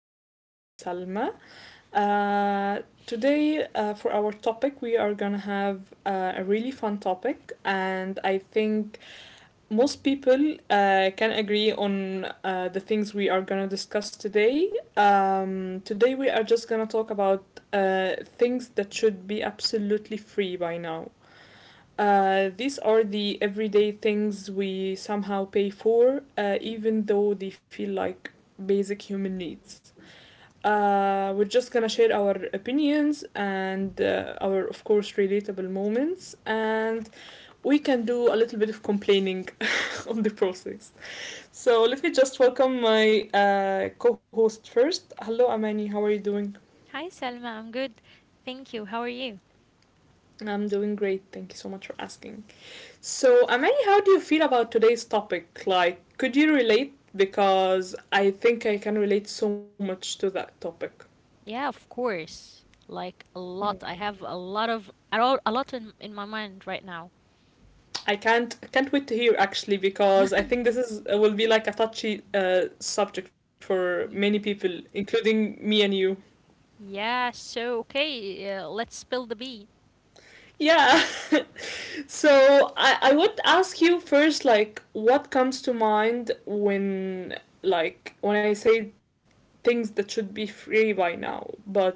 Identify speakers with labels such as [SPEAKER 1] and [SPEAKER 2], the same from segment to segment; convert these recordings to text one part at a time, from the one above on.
[SPEAKER 1] is your host Salma. Uh, for our topic, we are gonna have a really fun topic, and I think most people can agree on the things we are gonna discuss today. Today, we are just gonna talk about things that should be absolutely free by now. These are the everyday things we somehow pay for, even though they feel like basic human needs. We're just gonna share our opinions and our, of course, relatable moments, and we can do a little bit of complaining on the process. So let me just welcome my co-host first. Hello, Amani. How are you doing?
[SPEAKER 2] Hi Selma, I'm good. Thank you. How are you?
[SPEAKER 1] I'm doing great. Thank you so much for asking. So, Amani, how do you feel about today's topic? Like, could you relate? Because I think I can relate so much to that topic.
[SPEAKER 2] Yeah, of course. Like a
[SPEAKER 1] Mm.
[SPEAKER 2] lot. I have a lot of a lot in my mind right now.
[SPEAKER 1] I can't wait to hear actually because I think this is will be like a touchy subject for many
[SPEAKER 2] Y-
[SPEAKER 1] people, including me and you.
[SPEAKER 2] Yeah, so okay, let's spill the bean.
[SPEAKER 1] Yeah. So I would ask you first like what comes to mind when like when I say things that should be free by now, but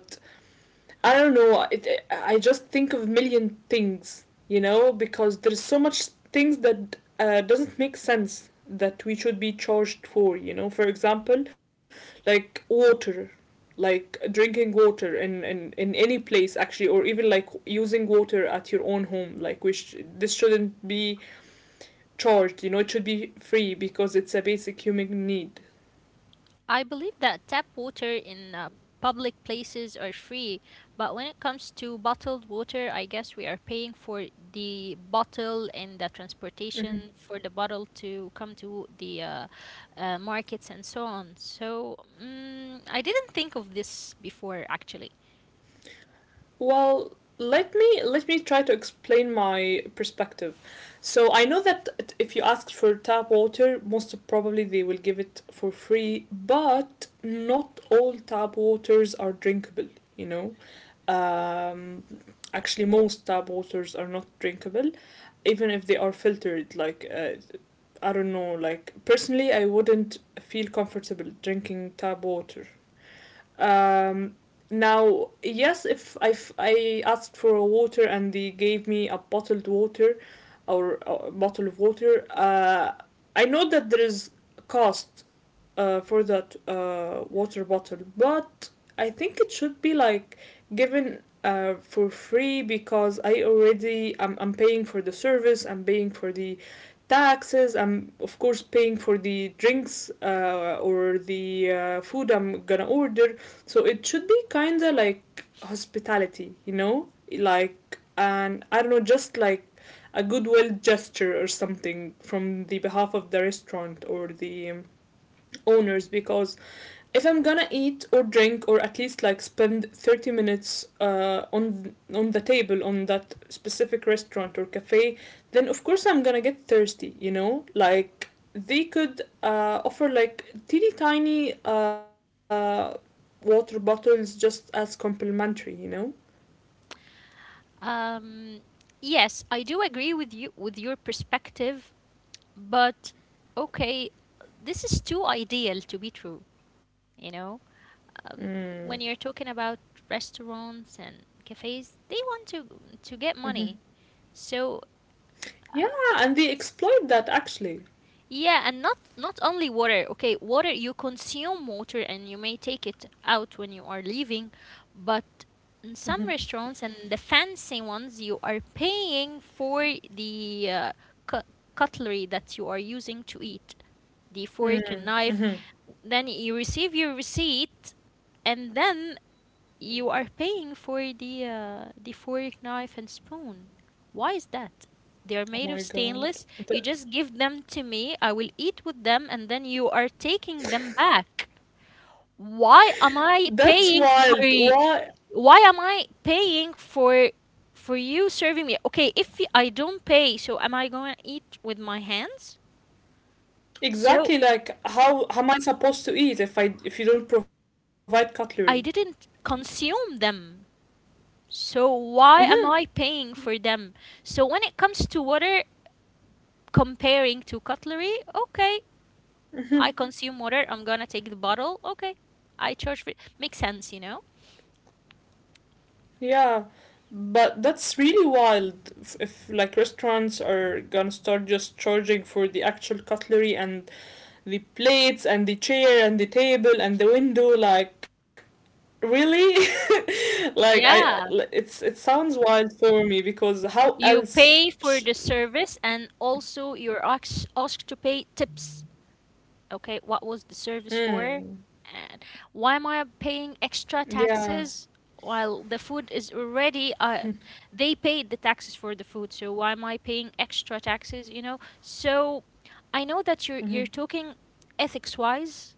[SPEAKER 1] I don't know. I just think of a million things, you know, because there's so much things that doesn't make sense that we should be charged for, you know. For example, like water, like drinking water in any place actually, or even like using water at your own home. Like, this shouldn't be charged, you know. It should be free because it's a basic human need.
[SPEAKER 2] I believe that tap water in public places are free, but when it comes to bottled water, I guess we are paying for the bottle and the
[SPEAKER 1] Mm-hmm.
[SPEAKER 2] transportation for the bottle to come to the markets and so on. So, I didn't think of this before actually.
[SPEAKER 1] Well, let me try to explain my perspective. So I know that if you ask for tap water, most probably they will give it for free, but not all tap waters are drinkable, you know. Um, Actually, most tap waters are not drinkable even if they are filtered, I don't know. Like, personally, I wouldn't feel comfortable drinking tap water. um, Now, yes, if I asked for a water and they gave me a bottled water or a bottle of water, I know that there is cost for that water bottle, but I think it should be like given for free because I already I'm paying for the service, I'm paying for the taxes, I'm of course paying for the drinks or the food I'm gonna order. So it should be kind of like hospitality, you know, like, and I don't know, just like a goodwill gesture or something from the behalf of the restaurant or the owners, because if I'm gonna eat or drink or at least like spend 30 minutes on the table on that specific restaurant or cafe, then of course I'm gonna get thirsty. You know, like, they could offer like teeny tiny water bottles just as complimentary. You know.
[SPEAKER 2] Um, yes, I do agree with you with your perspective, but okay, this is too ideal to be true, you know? Um,
[SPEAKER 1] Mm.
[SPEAKER 2] when you're talking about restaurants and cafes, they want to get
[SPEAKER 1] hmm
[SPEAKER 2] money. So,
[SPEAKER 1] Yeah, and they exploit that actually.
[SPEAKER 2] yeah, and not only water. Okay, water, you consume water and you may take it out when you are leaving, but in
[SPEAKER 1] Mm-hmm.
[SPEAKER 2] some restaurants and the fancy ones you are paying for the cu- cutlery that you are using to eat, the fork and knife.
[SPEAKER 1] Mm-hmm.
[SPEAKER 2] Then you receive your receipt and then you are paying for the fork, knife, and spoon. Why is that? They are made of
[SPEAKER 1] Oh my
[SPEAKER 2] stainless.
[SPEAKER 1] god.
[SPEAKER 2] You just
[SPEAKER 1] Th-
[SPEAKER 2] give them to me. I will eat with them, and then you are taking them back. Why am I
[SPEAKER 1] That's
[SPEAKER 2] paying for?
[SPEAKER 1] wild. Why?
[SPEAKER 2] Why am I paying for you serving me? Okay, if I don't pay, so am I going to eat with my hands? So
[SPEAKER 1] Exactly, like, how am I supposed to eat if you don't provide cutlery?
[SPEAKER 2] I didn't consume them. So why am I paying for them? So when it comes to water, comparing to cutlery, okay, I consume water, I'm gonna take the bottle, okay, I charge for it, makes sense, you know.
[SPEAKER 1] Yeah, but that's really wild. If like restaurants are gonna start just charging for the actual cutlery and the plates and the chair and the table and the window, like, really, like,
[SPEAKER 2] Yeah,
[SPEAKER 1] it's, it sounds wild for me because how
[SPEAKER 2] you
[SPEAKER 1] else?
[SPEAKER 2] pay for the service and also you're asked to pay tips. Okay, what was the service for,
[SPEAKER 1] Mm,
[SPEAKER 2] and why am I paying
[SPEAKER 1] yeah.
[SPEAKER 2] extra taxes while the food is already they paid the taxes for the food, so why am I paying extra taxes, you know? So I know that you're
[SPEAKER 1] Mm-hmm.
[SPEAKER 2] you're talking ethics wise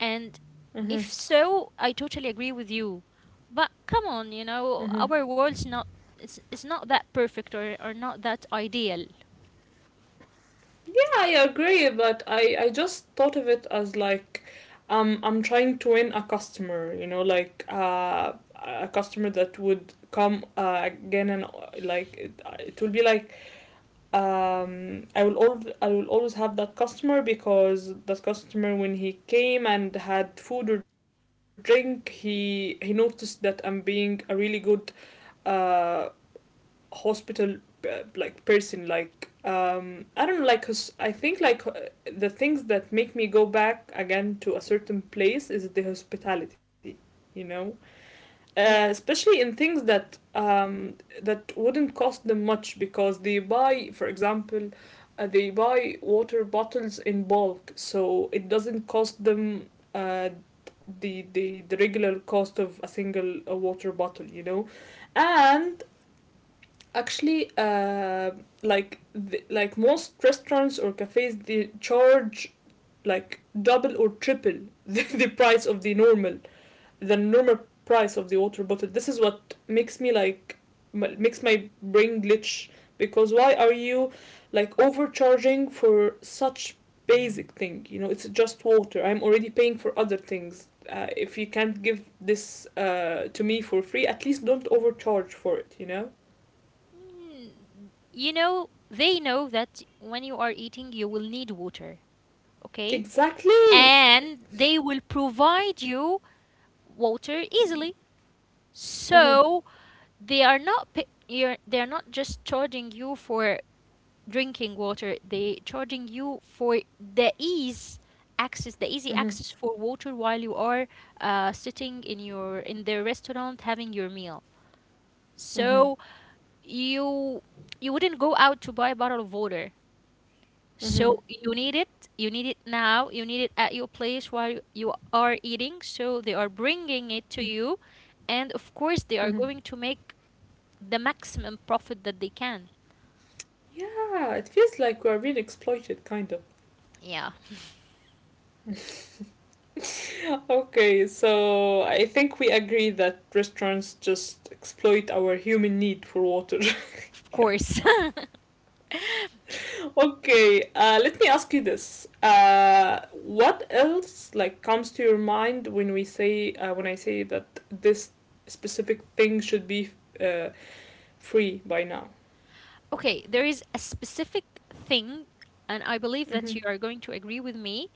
[SPEAKER 2] and
[SPEAKER 1] Mm-hmm.
[SPEAKER 2] if so, I totally agree with you. But come on, you know,
[SPEAKER 1] Mm-hmm.
[SPEAKER 2] our world's not, it's not that perfect, or not that ideal.
[SPEAKER 1] I agree, but I just thought of it as like, I'm trying to win a customer, you know, like a customer that would come again and like, it will be like, I will always have that customer because that customer, when he came and had food or drink, he noticed that I'm being a really good uh hospital like person. Like, I don't know, like, because I think the things that make me go back again to a certain place is the hospitality, you know.
[SPEAKER 2] Yeah.
[SPEAKER 1] Especially in things that that wouldn't cost them much, because they buy, for example, they buy water bottles in bulk, so it doesn't cost them uh the regular cost of a single water bottle, you know. And actually, like the, like most restaurants or cafes, they charge like double or triple the price of the normal, the normal price of the water bottle. This is what makes me like, makes my brain glitch, because why are you like overcharging for such basic thing? You know, it's just water. I'm already paying for other things. If you can't give this to me for free, at least don't overcharge for it. You know.
[SPEAKER 2] Mm, you know, they know that when you are eating you will need water, okay?
[SPEAKER 1] Exactly.
[SPEAKER 2] And they will provide you water easily.
[SPEAKER 1] Hmm.
[SPEAKER 2] So they are not pa- you're, they are not just charging you for drinking water, they charging you for the ease access, the easy
[SPEAKER 1] Hmm.
[SPEAKER 2] access for water while you are sitting in your in their restaurant having your meal.
[SPEAKER 1] Hmm.
[SPEAKER 2] So you you wouldn't go out to buy a bottle of water.
[SPEAKER 1] Hmm.
[SPEAKER 2] So you need it now, you need it at your place while you are eating. So they are bringing it to you, and of course they are
[SPEAKER 1] Hmm.
[SPEAKER 2] going to make the maximum profit that they can.
[SPEAKER 1] Yeah, it feels like we're being exploited, kind of.
[SPEAKER 2] Yeah,
[SPEAKER 1] Okay, so I think we agree that restaurants just exploit our human need for water.
[SPEAKER 2] of course.
[SPEAKER 1] Okay, let me ask you this: what else like comes to your mind when we say, when I say that this specific thing should be uh, free by now?
[SPEAKER 2] Okay, there is a specific thing, and I believe
[SPEAKER 1] Mm-hmm.
[SPEAKER 2] that you are going to agree with me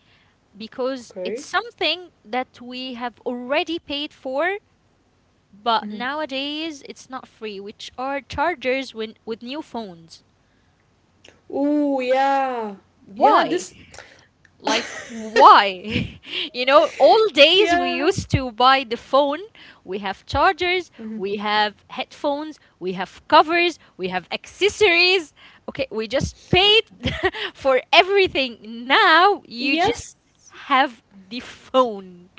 [SPEAKER 2] because it's
[SPEAKER 1] Okay.
[SPEAKER 2] something that we have already paid for, but
[SPEAKER 1] Mm-hmm.
[SPEAKER 2] nowadays it's not free, which are chargers when, with new phones.
[SPEAKER 1] Oh yeah, yeah.
[SPEAKER 2] Why?
[SPEAKER 1] This
[SPEAKER 2] Like, why? You know, all days
[SPEAKER 1] yeah.
[SPEAKER 2] we used to buy the phone. We have chargers,
[SPEAKER 1] Mhm.
[SPEAKER 2] we have headphones, we have covers, we have accessories. Okay, we just paid for everything. Now you
[SPEAKER 1] Yes,
[SPEAKER 2] just have the phone.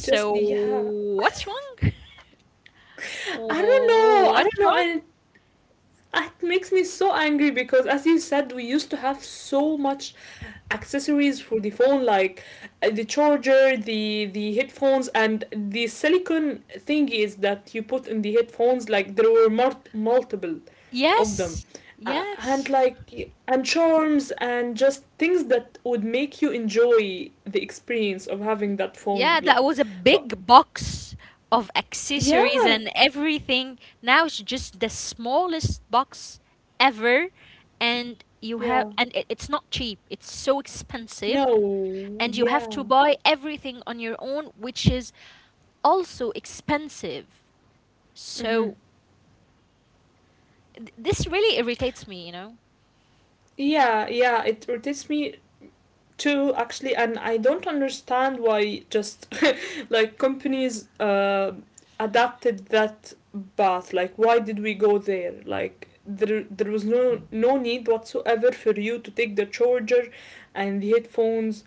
[SPEAKER 1] just yeah.
[SPEAKER 2] what's wrong?
[SPEAKER 1] I don't know. I
[SPEAKER 2] What's
[SPEAKER 1] don't know.
[SPEAKER 2] wrong?
[SPEAKER 1] And it makes me so angry because, as you said, we used to have so much accessories for the phone, like, the charger, the headphones, and the silicone thingies that you put in the headphones. Like, there were multiple of them,
[SPEAKER 2] Yes,
[SPEAKER 1] and
[SPEAKER 2] yes.
[SPEAKER 1] like, and charms and just things that would make you enjoy the experience of having that phone.
[SPEAKER 2] Yeah,
[SPEAKER 1] Like,
[SPEAKER 2] that was a
[SPEAKER 1] but
[SPEAKER 2] big box of
[SPEAKER 1] yeah,
[SPEAKER 2] accessories and everything. Now it's just the smallest box ever, and you have,
[SPEAKER 1] yeah,
[SPEAKER 2] and it's not cheap. It's so expensive,
[SPEAKER 1] no,
[SPEAKER 2] and you have to
[SPEAKER 1] yeah.
[SPEAKER 2] buy everything on your own, which is also expensive.
[SPEAKER 1] Mm-hmm.
[SPEAKER 2] So this really irritates me, you know.
[SPEAKER 1] Yeah, yeah, it rotates me too, actually, and I don't understand why, just like companies adapted that path. Like, why did we go there? Like, there was no need whatsoever for you to take the charger and the headphones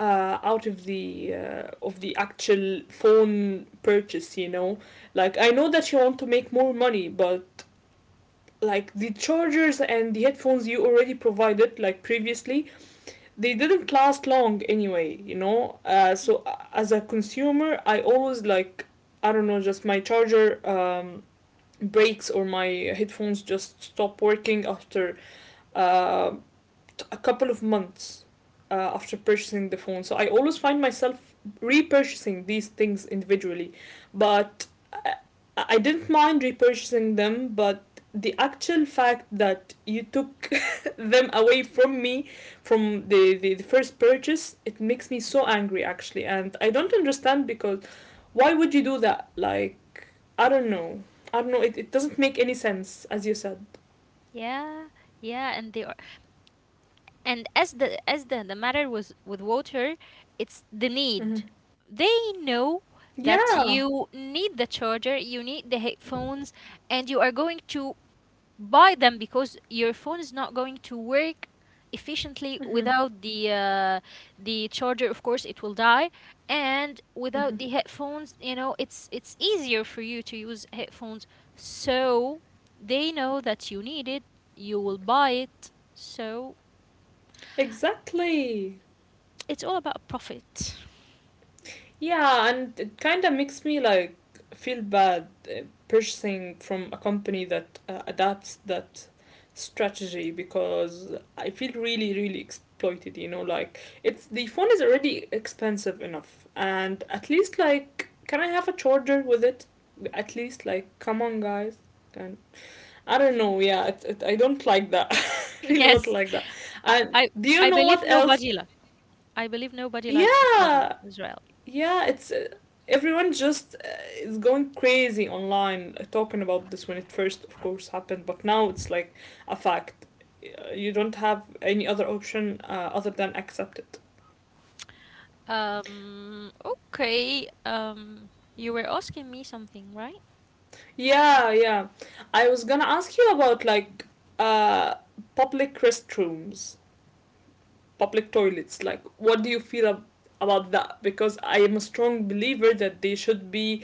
[SPEAKER 1] out of the actual phone purchase. You know, like, I know that you want to make more money, but like, the chargers and the headphones you already provided like previously, they didn't last long anyway, you know. As a consumer, I always like, I don't know, just my charger breaks or my headphones just stop working after uh, a couple of months after purchasing the phone. So I always find myself repurchasing these things individually, but I, I didn't mind repurchasing them. But the actual fact that you took them away from me from the first purchase, it makes me so angry actually, and I don't understand because why would you do that? Like, I don't know. I don't know. It doesn't make any sense, as you said.
[SPEAKER 2] Yeah, yeah, and they are, and as the matter was with water, it's the need,
[SPEAKER 1] Mm-hmm.
[SPEAKER 2] they know that
[SPEAKER 1] Yeah.
[SPEAKER 2] you need the charger, you need the headphones, and you are going to buy them because your phone is not going to work efficiently
[SPEAKER 1] Mm-hmm.
[SPEAKER 2] without the the charger, of course it will die. And without the
[SPEAKER 1] Mm-hmm.
[SPEAKER 2] headphones, you know, it's easier for you to use headphones. So they know that you need it, you will buy it, so
[SPEAKER 1] Exactly.
[SPEAKER 2] it's all about profit.
[SPEAKER 1] Yeah, and it kind of makes me like feel bad purchasing from a company that adapts that strategy, because I feel really, really exploited, you know. Like, it's the phone is already expensive enough, and at least like, can I have a charger with it? At least, like, come on guys. Can, I don't know, yeah, I don't like that. I really
[SPEAKER 2] Yes.
[SPEAKER 1] don't like that.
[SPEAKER 2] I
[SPEAKER 1] And
[SPEAKER 2] I
[SPEAKER 1] do you
[SPEAKER 2] I
[SPEAKER 1] know
[SPEAKER 2] believe
[SPEAKER 1] what else?
[SPEAKER 2] nobody li I believe nobody likes it as well.
[SPEAKER 1] Yeah,
[SPEAKER 2] As well.
[SPEAKER 1] yeah, it's everyone just is going crazy online talking about this when it first of course happened, but now it's like a fact. You don't have any other option other than accept it.
[SPEAKER 2] Okay. Um, you were asking me something, right?
[SPEAKER 1] Yeah, yeah, I was gonna ask you about like, uh public restrooms, public toilets, like, what do you feel about that? Because I am a strong believer that they should be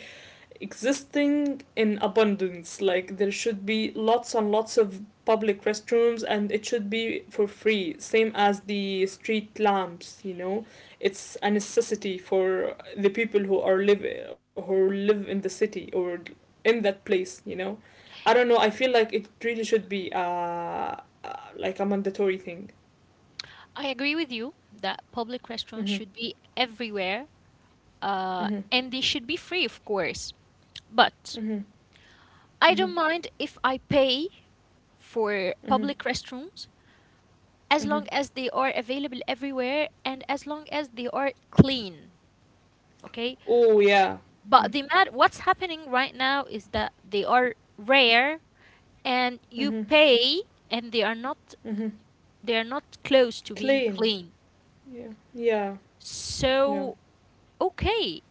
[SPEAKER 1] existing in abundance. Like, there should be lots and lots of public restrooms, and it should be for free, same as the street lamps, you know. It's a necessity for the people who are live who live in the city or in that place, you know. I don't know, I feel like it really should be like a mandatory thing.
[SPEAKER 2] I agree with you that public restrooms
[SPEAKER 1] Mhm.
[SPEAKER 2] should be everywhere, uh,
[SPEAKER 1] Mhm.
[SPEAKER 2] and they should be free, of course. But
[SPEAKER 1] Mhm.
[SPEAKER 2] I
[SPEAKER 1] Mhm.
[SPEAKER 2] don't mind if I pay for
[SPEAKER 1] Mhm.
[SPEAKER 2] public restrooms as long
[SPEAKER 1] Mhm.
[SPEAKER 2] as they are available everywhere and as long as they are clean. Okay,
[SPEAKER 1] Oh yeah.
[SPEAKER 2] but the mad, what's happening right now is that they are rare, and you
[SPEAKER 1] Mhm.
[SPEAKER 2] pay, and
[SPEAKER 1] Mhm.
[SPEAKER 2] they are not close to being
[SPEAKER 1] Clean.
[SPEAKER 2] clean.
[SPEAKER 1] Yeah. Yeah. Yeah.
[SPEAKER 2] So okay,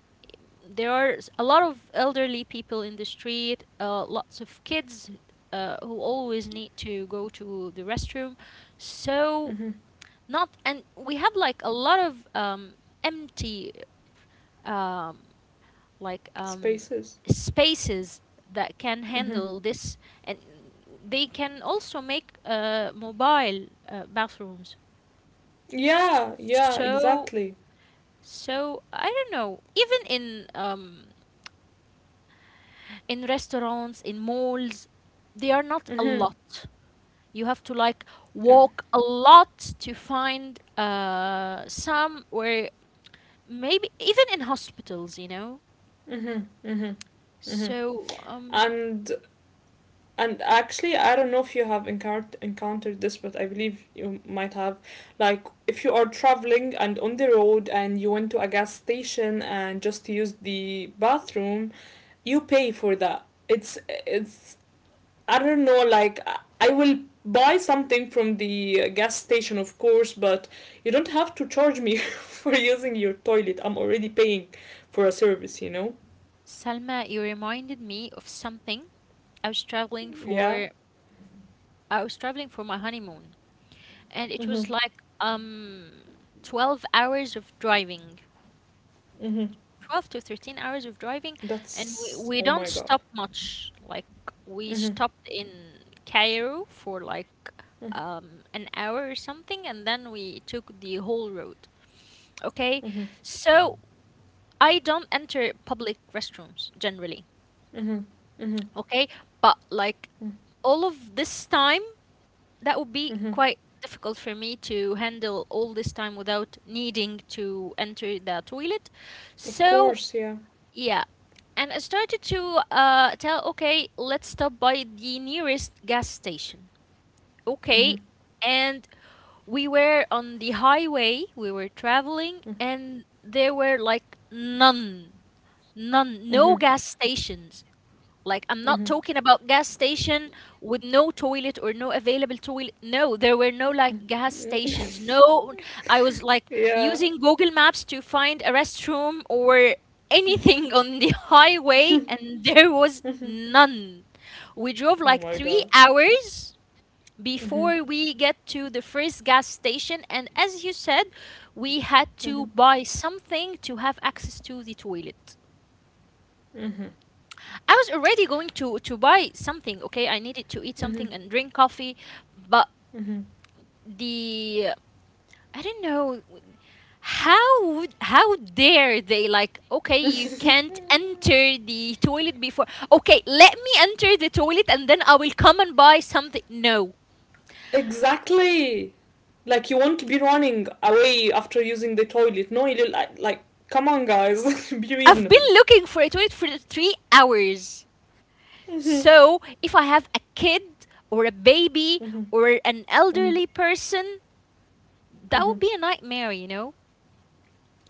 [SPEAKER 2] there are a lot of elderly people in the street, lots of kids who always need to go to the restroom. So
[SPEAKER 1] Mm-hmm.
[SPEAKER 2] not, and we have like a lot of empty. Um, like um,
[SPEAKER 1] Spaces.
[SPEAKER 2] Spaces that can
[SPEAKER 1] Mm-hmm.
[SPEAKER 2] handle this, and they can also make mobile bathrooms.
[SPEAKER 1] Yeah, yeah,
[SPEAKER 2] So,
[SPEAKER 1] exactly.
[SPEAKER 2] so I don't know. Even in restaurants, in malls, they are not a
[SPEAKER 1] Mm-hmm.
[SPEAKER 2] lot. You have to like
[SPEAKER 1] Yeah.
[SPEAKER 2] walk a lot to find some where maybe even in hospitals, you know.
[SPEAKER 1] Mm-hmm. Mm-hmm. Mm-hmm.
[SPEAKER 2] So,
[SPEAKER 1] And and actually, I don't know if you have encountered this, but I believe you might have. Like, if you are traveling and on the road, and you went to a gas station and just used the bathroom, you pay for that. It's I don't know, like, will buy something from the gas station, of course, but you don't have to charge me for using your toilet. I'm already paying for a service, you know?
[SPEAKER 2] Salma, you reminded me of something. I was traveling
[SPEAKER 1] Yeah.
[SPEAKER 2] for I was traveling for my honeymoon, and it
[SPEAKER 1] Mm hmm.
[SPEAKER 2] was like um 12 hours of driving,
[SPEAKER 1] Mm hmm.
[SPEAKER 2] 12 to 13 hours of driving, and
[SPEAKER 1] That's.
[SPEAKER 2] we
[SPEAKER 1] Oh
[SPEAKER 2] don't
[SPEAKER 1] my god.
[SPEAKER 2] stop much. Like we
[SPEAKER 1] Mm
[SPEAKER 2] stopped in Cairo for like
[SPEAKER 1] hmm.
[SPEAKER 2] an hour or something, and then we took the whole road. Okay,
[SPEAKER 1] Mm hmm.
[SPEAKER 2] so I don't enter public restrooms generally.
[SPEAKER 1] Mm hmm. Mm
[SPEAKER 2] Okay, but like
[SPEAKER 1] hmm.
[SPEAKER 2] all of this time, that would be
[SPEAKER 1] Mm hmm.
[SPEAKER 2] quite difficult for me to handle all this time without needing to enter the toilet.
[SPEAKER 1] Of
[SPEAKER 2] So,
[SPEAKER 1] course, yeah.
[SPEAKER 2] yeah. And I started to tell, okay, let's stop by the nearest gas station.
[SPEAKER 1] Mm hmm.
[SPEAKER 2] Okay. And we were on the highway, we were traveling, and there were like none, none, no
[SPEAKER 1] Mm
[SPEAKER 2] gas stations. Like, I'm not
[SPEAKER 1] hmm.
[SPEAKER 2] talking about gas station with no toilet or no available toilet. No, there were no
[SPEAKER 1] Mm
[SPEAKER 2] like gas
[SPEAKER 1] hmm.
[SPEAKER 2] stations. No, I was like
[SPEAKER 1] Yeah.
[SPEAKER 2] using Google Maps to find a restroom or anything on the highway, and there was
[SPEAKER 1] Mm hmm.
[SPEAKER 2] none. We drove
[SPEAKER 1] Oh
[SPEAKER 2] like
[SPEAKER 1] my
[SPEAKER 2] three
[SPEAKER 1] god.
[SPEAKER 2] hours
[SPEAKER 1] Mm hmm.
[SPEAKER 2] before we get to the first gas station, and as you said, we had
[SPEAKER 1] Mm hmm.
[SPEAKER 2] to buy something to have access to the toilet.
[SPEAKER 1] Mm hmm.
[SPEAKER 2] I was already going to buy something, okay? I needed to eat
[SPEAKER 1] Mm hmm.
[SPEAKER 2] something and drink coffee, but
[SPEAKER 1] Mm hmm.
[SPEAKER 2] the I don't know, how dare they, like, okay, you can't enter the toilet before. Okay, let me enter the toilet and then I will come and buy something. No.
[SPEAKER 1] Exactly. Like you won't be running away after using the toilet. No, you'll like come on, guys, be
[SPEAKER 2] I've been
[SPEAKER 1] reasonable.
[SPEAKER 2] looking for a toilet for 3 hours.
[SPEAKER 1] Mm-hmm.
[SPEAKER 2] So, if I have a kid or a baby
[SPEAKER 1] Mm-hmm.
[SPEAKER 2] or an
[SPEAKER 1] Mm-hmm.
[SPEAKER 2] elderly person, that
[SPEAKER 1] Mm-hmm.
[SPEAKER 2] would be a nightmare, you know?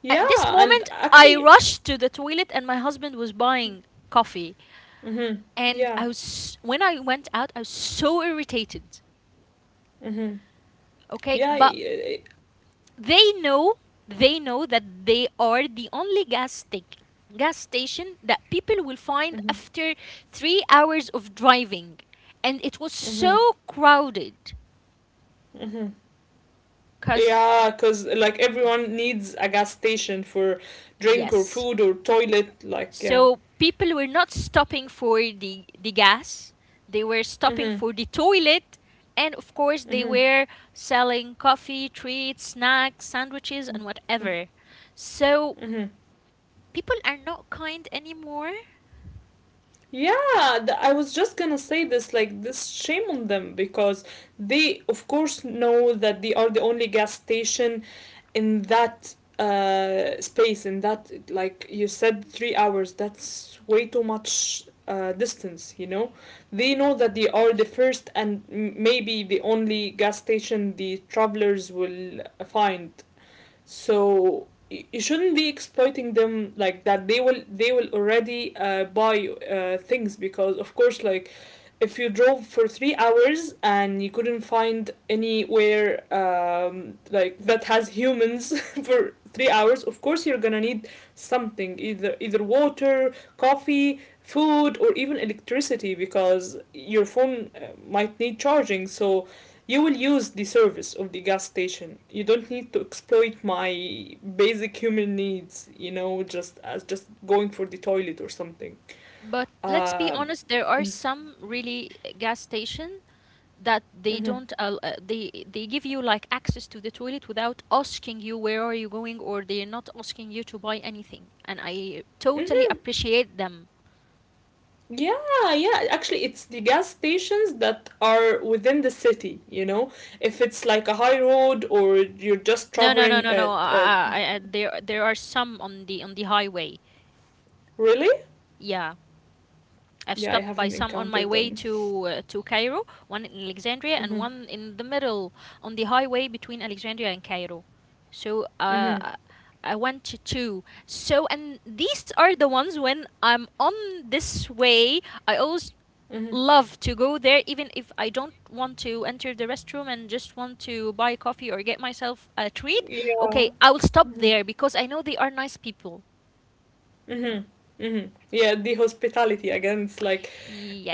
[SPEAKER 1] Yeah,
[SPEAKER 2] At this
[SPEAKER 1] and
[SPEAKER 2] moment, I
[SPEAKER 1] actually,
[SPEAKER 2] rushed to the toilet, and my husband was buying coffee.
[SPEAKER 1] mm-hmm.
[SPEAKER 2] And
[SPEAKER 1] Yeah,
[SPEAKER 2] I was when I went out, I was so irritated.
[SPEAKER 1] mm-hmm.
[SPEAKER 2] Okay,
[SPEAKER 1] Yeah,
[SPEAKER 2] but
[SPEAKER 1] yeah,
[SPEAKER 2] they know, they know that they are the only gas station that people will find
[SPEAKER 1] mm-hmm.
[SPEAKER 2] after 3 hours of driving, and it was
[SPEAKER 1] Mm-hmm.
[SPEAKER 2] so crowded.
[SPEAKER 1] Mm-hmm.
[SPEAKER 2] Cause
[SPEAKER 1] Yeah, because like everyone needs a gas station for drink or
[SPEAKER 2] yes.
[SPEAKER 1] food or toilet. Like, yeah.
[SPEAKER 2] So people were not stopping for the gas, they were stopping
[SPEAKER 1] Mm-hmm.
[SPEAKER 2] for the toilet. And of course, they
[SPEAKER 1] Mm-hmm.
[SPEAKER 2] were selling coffee, treats, snacks, sandwiches, and whatever. So
[SPEAKER 1] Mm-hmm.
[SPEAKER 2] people are not kind anymore.
[SPEAKER 1] Yeah, I was just gonna say this, like, this shame on them because they of course know that they are the only gas station in that space, in that, like you said, 3 hours. That's way too much distance, you know. They know that they are the first and maybe the only gas station the travelers will find, so you shouldn't be exploiting them like that. They will already buy things, because of course, like, if you drove for 3 hours and you couldn't find anywhere, like, that has humans for 3 hours, of course you're gonna need something, either water, coffee, food, or even electricity, because your phone might need charging. So you will use the service of the gas station. You don't need to exploit my basic human needs, you know, just as just going for the toilet or something.
[SPEAKER 2] But let's be
[SPEAKER 1] Um,
[SPEAKER 2] honest, there are some really gas station that they
[SPEAKER 1] mhm.
[SPEAKER 2] don't they give you like access to the toilet without asking you where are you going, or they're not asking you to buy anything, and I totally
[SPEAKER 1] Mhm.
[SPEAKER 2] appreciate them.
[SPEAKER 1] Yeah, yeah. Actually, it's the gas stations that are within the city, you know. If it's like a high road or you're just
[SPEAKER 2] No, no, no,
[SPEAKER 1] traveling
[SPEAKER 2] no, no.
[SPEAKER 1] at, at
[SPEAKER 2] I, there are some on the highway.
[SPEAKER 1] really?
[SPEAKER 2] Yeah, I've
[SPEAKER 1] Yeah, I
[SPEAKER 2] stopped by
[SPEAKER 1] haven't
[SPEAKER 2] some on my
[SPEAKER 1] encountered
[SPEAKER 2] way
[SPEAKER 1] them.
[SPEAKER 2] to Cairo, one in Alexandria, and
[SPEAKER 1] Mhm.
[SPEAKER 2] one in the middle on the highway between Alexandria and Cairo. So,
[SPEAKER 1] Mhm.
[SPEAKER 2] I went to two. So, and these are the ones when I'm on this way. I always
[SPEAKER 1] Mhm.
[SPEAKER 2] love to go there even if I don't want to enter the restroom and just want to buy coffee or get myself a treat.
[SPEAKER 1] Yeah.
[SPEAKER 2] Okay, I will stop
[SPEAKER 1] Mhm.
[SPEAKER 2] there because I know they are nice people.
[SPEAKER 1] Mm-hmm. Mm-hmm. Yeah, the hospitality again. It's like,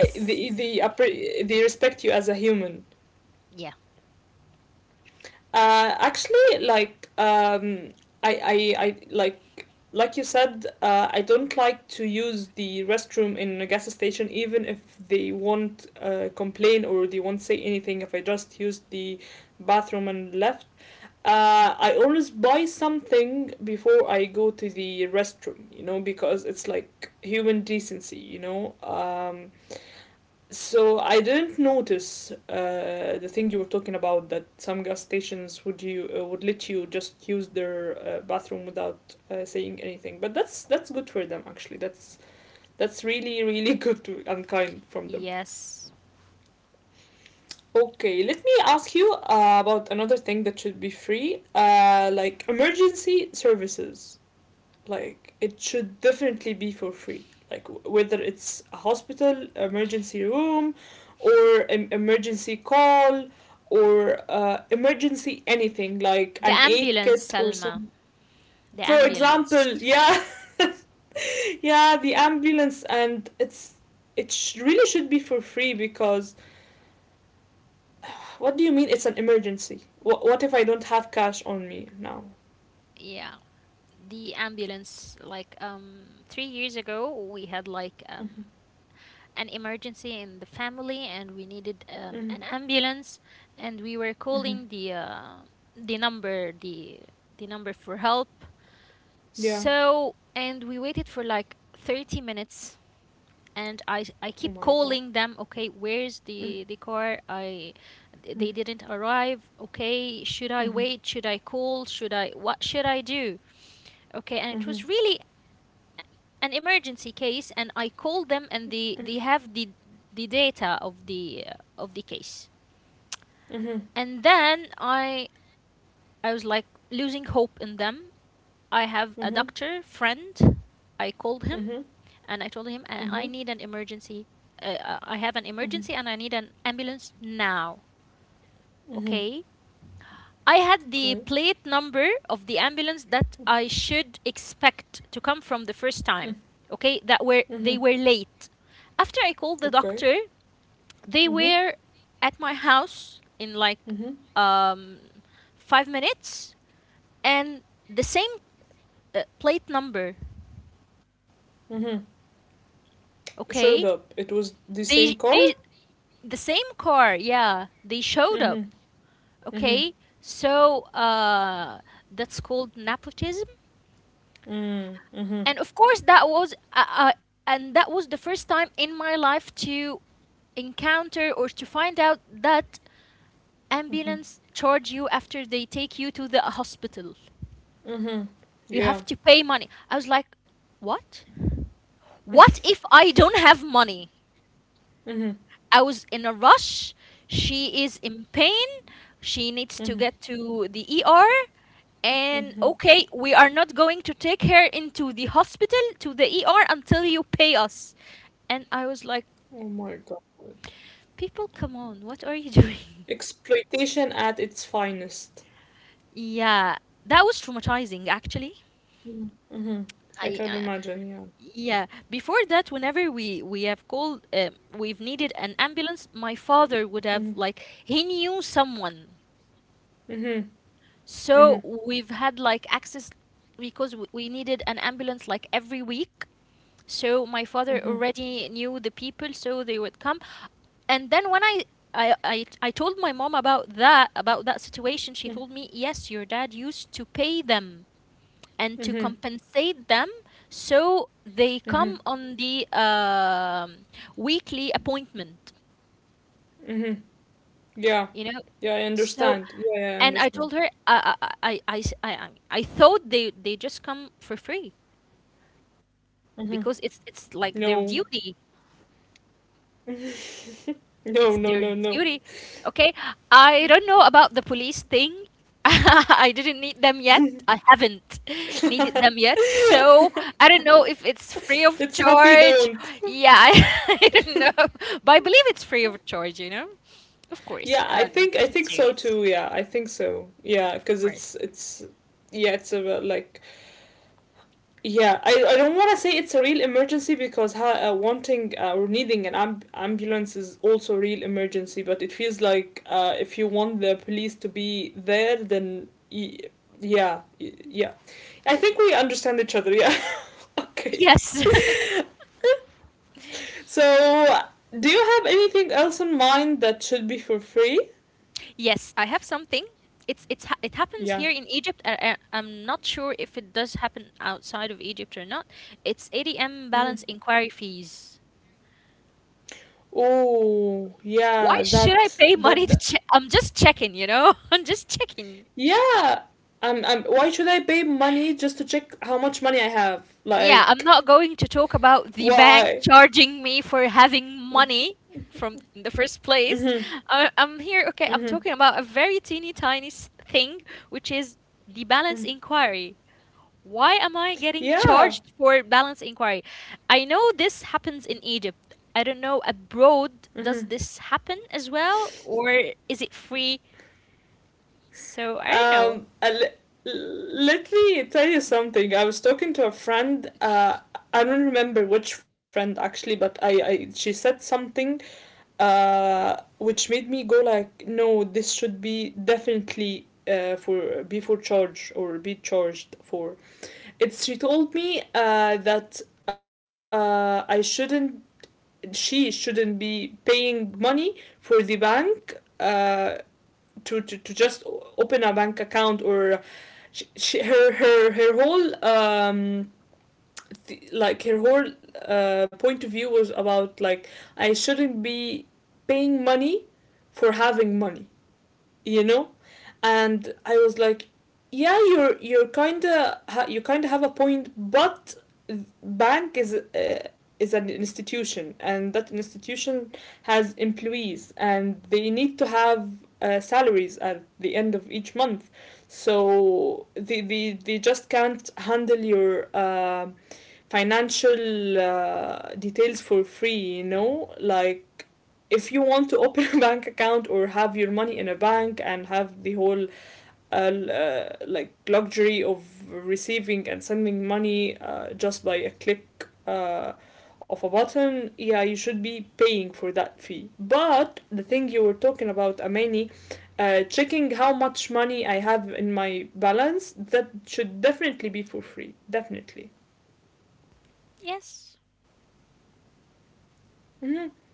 [SPEAKER 1] the, they respect you as a human.
[SPEAKER 2] Yeah.
[SPEAKER 1] Actually, like, I, like you said, I don't like to use the restroom in a gas station, even if they won't complain or they won't say anything. If I just use the bathroom and left, I always buy something before I go to the restroom, you know, because it's like human decency. So I didn't notice the thing you were talking about, that some gas stations would, you would let you just use their bathroom without saying anything. But that's good for them, actually. That's really, really good to, and kind from them.
[SPEAKER 2] Yes.
[SPEAKER 1] Okay, let me ask you about another thing that should be free, like emergency services. Like, it should definitely be for free. Like, whether it's a hospital, emergency room, or an emergency call, or emergency anything, like
[SPEAKER 2] The
[SPEAKER 1] an aid
[SPEAKER 2] ambulance,
[SPEAKER 1] kit or
[SPEAKER 2] Salma.
[SPEAKER 1] some.
[SPEAKER 2] The
[SPEAKER 1] For
[SPEAKER 2] ambulance.
[SPEAKER 1] example, yeah, yeah, the ambulance, and it really should be for free, because what do you mean it's an emergency? What if I don't have cash on me now?
[SPEAKER 2] Yeah. The ambulance like 3 years ago we had like
[SPEAKER 1] Mm-hmm.
[SPEAKER 2] an emergency in the family and we needed
[SPEAKER 1] Mm-hmm.
[SPEAKER 2] an ambulance, and we were
[SPEAKER 1] Mm-hmm.
[SPEAKER 2] calling the number, the number for help.
[SPEAKER 1] Yeah.
[SPEAKER 2] So and we waited for like 30 minutes, and i
[SPEAKER 1] Oh my
[SPEAKER 2] i
[SPEAKER 1] god.
[SPEAKER 2] keep calling them, okay, where's
[SPEAKER 1] Mm-hmm.
[SPEAKER 2] the car? I
[SPEAKER 1] Mm-hmm.
[SPEAKER 2] They didn't arrive. Okay, should I
[SPEAKER 1] Mm-hmm.
[SPEAKER 2] wait, should I call, should I, what should I do? Okay, and it
[SPEAKER 1] Mm-hmm.
[SPEAKER 2] was really an emergency case, and I call them
[SPEAKER 1] Mm-hmm.
[SPEAKER 2] and they have the data of the case.
[SPEAKER 1] Mm-hmm.
[SPEAKER 2] And then I was like losing hope in them. I have a doctor friend. I called him
[SPEAKER 1] Mm-hmm.
[SPEAKER 2] and I told him,
[SPEAKER 1] Mm-hmm.
[SPEAKER 2] I need an emergency. I have an
[SPEAKER 1] Mm-hmm.
[SPEAKER 2] emergency and I need an ambulance now."
[SPEAKER 1] Mm-hmm.
[SPEAKER 2] Okay, I had
[SPEAKER 1] Okay.
[SPEAKER 2] the plate number of the ambulance that I should expect to come from the first time. Okay, that were
[SPEAKER 1] Mm-hmm.
[SPEAKER 2] they were late. After I called the
[SPEAKER 1] Okay.
[SPEAKER 2] doctor, they
[SPEAKER 1] Mm-hmm.
[SPEAKER 2] were at my house in like
[SPEAKER 1] Mm-hmm.
[SPEAKER 2] um 5 minutes, and the same plate number,
[SPEAKER 1] Mm-hmm. Showed
[SPEAKER 2] okay?
[SPEAKER 1] up. It was the same car?
[SPEAKER 2] They the same car, yeah. They showed up,
[SPEAKER 1] Mm-hmm.
[SPEAKER 2] okay?
[SPEAKER 1] Mm-hmm.
[SPEAKER 2] So, that's called nepotism,
[SPEAKER 1] Mm-hmm.
[SPEAKER 2] and
[SPEAKER 1] Mm-hmm.
[SPEAKER 2] of course that was and that was the first time in my life to encounter or to find out that
[SPEAKER 1] Mm-hmm.
[SPEAKER 2] ambulance charge you after they take you to the hospital.
[SPEAKER 1] Mm-hmm.
[SPEAKER 2] You have to
[SPEAKER 1] Yeah.
[SPEAKER 2] pay money. I was like, what? What if I don't have money?
[SPEAKER 1] Mm-hmm.
[SPEAKER 2] I was in a rush, she is in pain, she needs to
[SPEAKER 1] Mm-hmm.
[SPEAKER 2] get to the ER. And
[SPEAKER 1] Mm-hmm.
[SPEAKER 2] okay, we are not going to take her into the hospital, to the ER, until you pay us. And I was like,
[SPEAKER 1] Oh my god.
[SPEAKER 2] people, come on, what are you doing?
[SPEAKER 1] Exploitation at its finest.
[SPEAKER 2] Yeah, that was traumatizing actually.
[SPEAKER 1] Mm-hmm. I
[SPEAKER 2] I
[SPEAKER 1] can imagine, yeah.
[SPEAKER 2] Yeah, before that, whenever we have called we've needed an ambulance, my father would have
[SPEAKER 1] Mm-hmm.
[SPEAKER 2] like, he knew someone.
[SPEAKER 1] Mm-hmm.
[SPEAKER 2] So
[SPEAKER 1] Mm-hmm.
[SPEAKER 2] we've had like access because we needed an ambulance like every week. So my
[SPEAKER 1] Mm-hmm.
[SPEAKER 2] father already knew the people, so they would come. And then when I told my mom about that, about that situation, she told me, yes, your dad used to pay them and to
[SPEAKER 1] Mm-hmm.
[SPEAKER 2] compensate them, so they come on the weekly appointment,
[SPEAKER 1] Mm-hmm. Yeah.
[SPEAKER 2] you know?
[SPEAKER 1] Yeah, I
[SPEAKER 2] So
[SPEAKER 1] understand. Yeah, yeah, I
[SPEAKER 2] and I
[SPEAKER 1] understand.
[SPEAKER 2] told her, I s- I thought they just come for free
[SPEAKER 1] Hmm.
[SPEAKER 2] because it's
[SPEAKER 1] No.
[SPEAKER 2] like their duty.
[SPEAKER 1] No,
[SPEAKER 2] It's
[SPEAKER 1] no, no,
[SPEAKER 2] their
[SPEAKER 1] no.
[SPEAKER 2] duty. Okay. I don't know about the police thing. I didn't need them yet. I haven't needed them yet. So I don't know if it's
[SPEAKER 1] Let's
[SPEAKER 2] free of
[SPEAKER 1] hope you don't.
[SPEAKER 2] charge. Yeah, I, I don't know. But I believe it's free of charge, you know? Of
[SPEAKER 1] Yeah,
[SPEAKER 2] course.
[SPEAKER 1] I think I
[SPEAKER 2] This is
[SPEAKER 1] think so
[SPEAKER 2] serious.
[SPEAKER 1] too. Yeah, I think so. Yeah,
[SPEAKER 2] Of
[SPEAKER 1] because
[SPEAKER 2] course.
[SPEAKER 1] it's yeah, it's a, like, yeah, I don't want to say it's a real emergency, because wanting, or needing an ambulance is also a real emergency, but it feels like, if you want the police to be there, then yeah, yeah. I think we understand each other, yeah. Okay.
[SPEAKER 2] Yes.
[SPEAKER 1] So, do you have anything else in mind that should be for free?
[SPEAKER 2] Yes, I have something. It's ha- it happens
[SPEAKER 1] Yeah.
[SPEAKER 2] here in Egypt. I'm not sure if it does happen outside of Egypt or not. It's ADM
[SPEAKER 1] Mhm.
[SPEAKER 2] balance inquiry fees.
[SPEAKER 1] Oh,
[SPEAKER 2] Why
[SPEAKER 1] yeah,
[SPEAKER 2] should I
[SPEAKER 1] that,
[SPEAKER 2] pay money
[SPEAKER 1] that,
[SPEAKER 2] to
[SPEAKER 1] that.
[SPEAKER 2] check? I'm just checking, you know? I'm just checking.
[SPEAKER 1] Yeah. Why should I pay money just to check how much money I have?
[SPEAKER 2] Yeah, I'm
[SPEAKER 1] Like,
[SPEAKER 2] not going to talk about
[SPEAKER 1] why?
[SPEAKER 2] the bank charging me for having money from in the first
[SPEAKER 1] Mm-hmm,
[SPEAKER 2] place. I'm here, okay, I'm
[SPEAKER 1] mm-hmm.
[SPEAKER 2] talking about a very teeny tiny s- thing, which is the balance inquiry. Why am I getting
[SPEAKER 1] Yeah.
[SPEAKER 2] charged for balance inquiry? I know this happens in Egypt. I don't know, abroad, does this happen as well? Or is it free? So I don't know.
[SPEAKER 1] Um, uh, Let me tell you something. I was talking to a friend. I don't remember which friend, actually, but I she said something, which made me go like, no, this should be definitely, for charge, or be charged for. It's, she told me that I shouldn't. She shouldn't be paying money for the bank, to just open a bank account. Or she, her her her whole, like, her whole point of view was about, like, I shouldn't be paying money for having money, you know. And I was like, yeah, you're kind of, you kind of have a point, but bank is, an institution, and that institution has employees, and they need to have salaries at the end of each month. So they just can't handle your financial details for free, you know? Like, if you want to open a bank account, or have your money in a bank and have the whole, uh, like, luxury of receiving and sending money, just by a click, of a button, yeah, you should be paying for that fee. But the thing you were talking about, Amani, checking how much money I have in my balance, that should definitely be for free. Definitely.
[SPEAKER 2] Yes.
[SPEAKER 1] Mhm.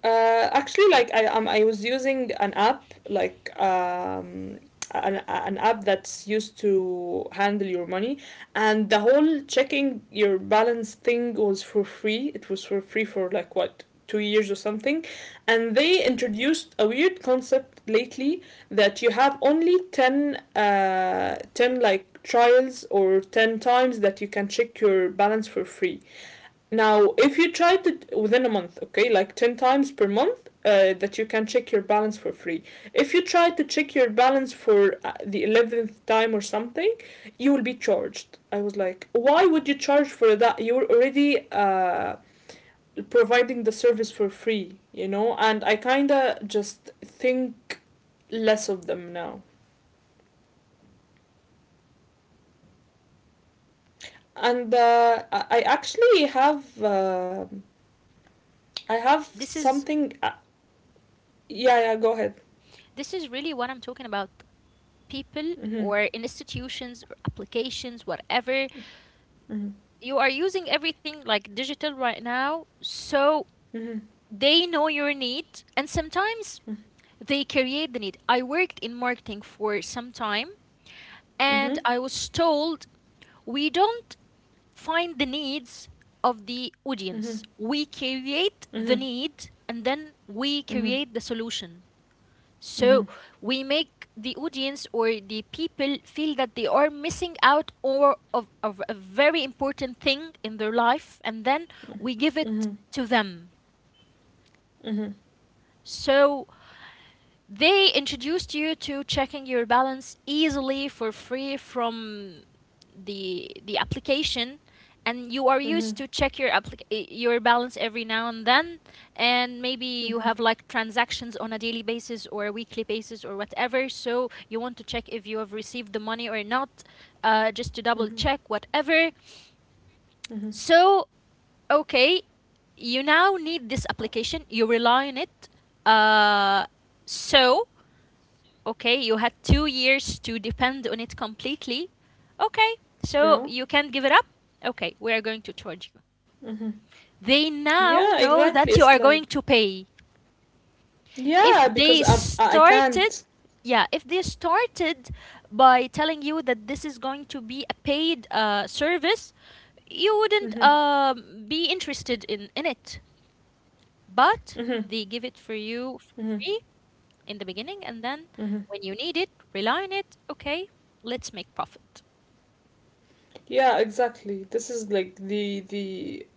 [SPEAKER 1] Actually, like, I was using an app, like, an app that's used to handle your money, and the whole checking your balance thing was for free. It was for free for like what, 2 years or something, and they introduced a weird concept lately, that you have only 10, like, trials, or 10 times that you can check your balance for free. Now, if you try to within a month, okay, like 10 times per month, that you can check your balance for free. If you try to check your balance for the 11th time or something, you will be charged. I was like, why would you charge for that? You're already providing the service for free? And I kind of just think less of them now. And I actually have
[SPEAKER 2] this is
[SPEAKER 1] something. Yeah, yeah. Go ahead.
[SPEAKER 2] this is really what I'm talking about. People
[SPEAKER 1] Mm-hmm.
[SPEAKER 2] or institutions or applications, whatever,
[SPEAKER 1] Mm-hmm.
[SPEAKER 2] you are using everything like digital right now. So
[SPEAKER 1] Mm-hmm.
[SPEAKER 2] they know your need, and sometimes they create the need. I worked in marketing for some time, and I
[SPEAKER 1] Mm-hmm.
[SPEAKER 2] was told we don't find the needs of the
[SPEAKER 1] Mm-hmm.
[SPEAKER 2] audience, we create the
[SPEAKER 1] Mm-hmm.
[SPEAKER 2] need, and then we
[SPEAKER 1] Mm-hmm.
[SPEAKER 2] create the solution. So
[SPEAKER 1] Mm-hmm. Mm-hmm.
[SPEAKER 2] we make the audience or the people feel that they are missing out or of a very important thing in their life, and then we give it to them.
[SPEAKER 1] Mm-hmm.
[SPEAKER 2] So they introduced you to checking your balance easily for free from the application, and you are used to
[SPEAKER 1] Mm-hmm.
[SPEAKER 2] check your your balance every now and then, and maybe you
[SPEAKER 1] Mm-hmm.
[SPEAKER 2] have like transactions on a daily basis or a weekly basis or whatever, so you want to check if you have received the money or not, just to double
[SPEAKER 1] Mhm,
[SPEAKER 2] check whatever.
[SPEAKER 1] mhm.
[SPEAKER 2] So okay, you now need this application, you rely on it. Uh, so okay, you had 2 years to depend on it completely. Okay, so
[SPEAKER 1] Yeah.
[SPEAKER 2] you can't give it up. Okay, we are going to charge you.
[SPEAKER 1] Mm-hmm.
[SPEAKER 2] They
[SPEAKER 1] Yeah,
[SPEAKER 2] now
[SPEAKER 1] exactly.
[SPEAKER 2] know
[SPEAKER 1] It's
[SPEAKER 2] that you
[SPEAKER 1] like,
[SPEAKER 2] are going to pay.
[SPEAKER 1] yeah,
[SPEAKER 2] If
[SPEAKER 1] because
[SPEAKER 2] they
[SPEAKER 1] I
[SPEAKER 2] started,
[SPEAKER 1] can't.
[SPEAKER 2] yeah, if they started by telling you that this is going to be a paid service, you wouldn't
[SPEAKER 1] Mm-hmm.
[SPEAKER 2] be interested in it.
[SPEAKER 1] Mm-hmm.
[SPEAKER 2] But they give it for you
[SPEAKER 1] Mm-hmm.
[SPEAKER 2] for free in the beginning, and then
[SPEAKER 1] Mm-hmm.
[SPEAKER 2] when you need it, rely on it. Okay, let's make profit.
[SPEAKER 1] Yeah, exactly. This is like the the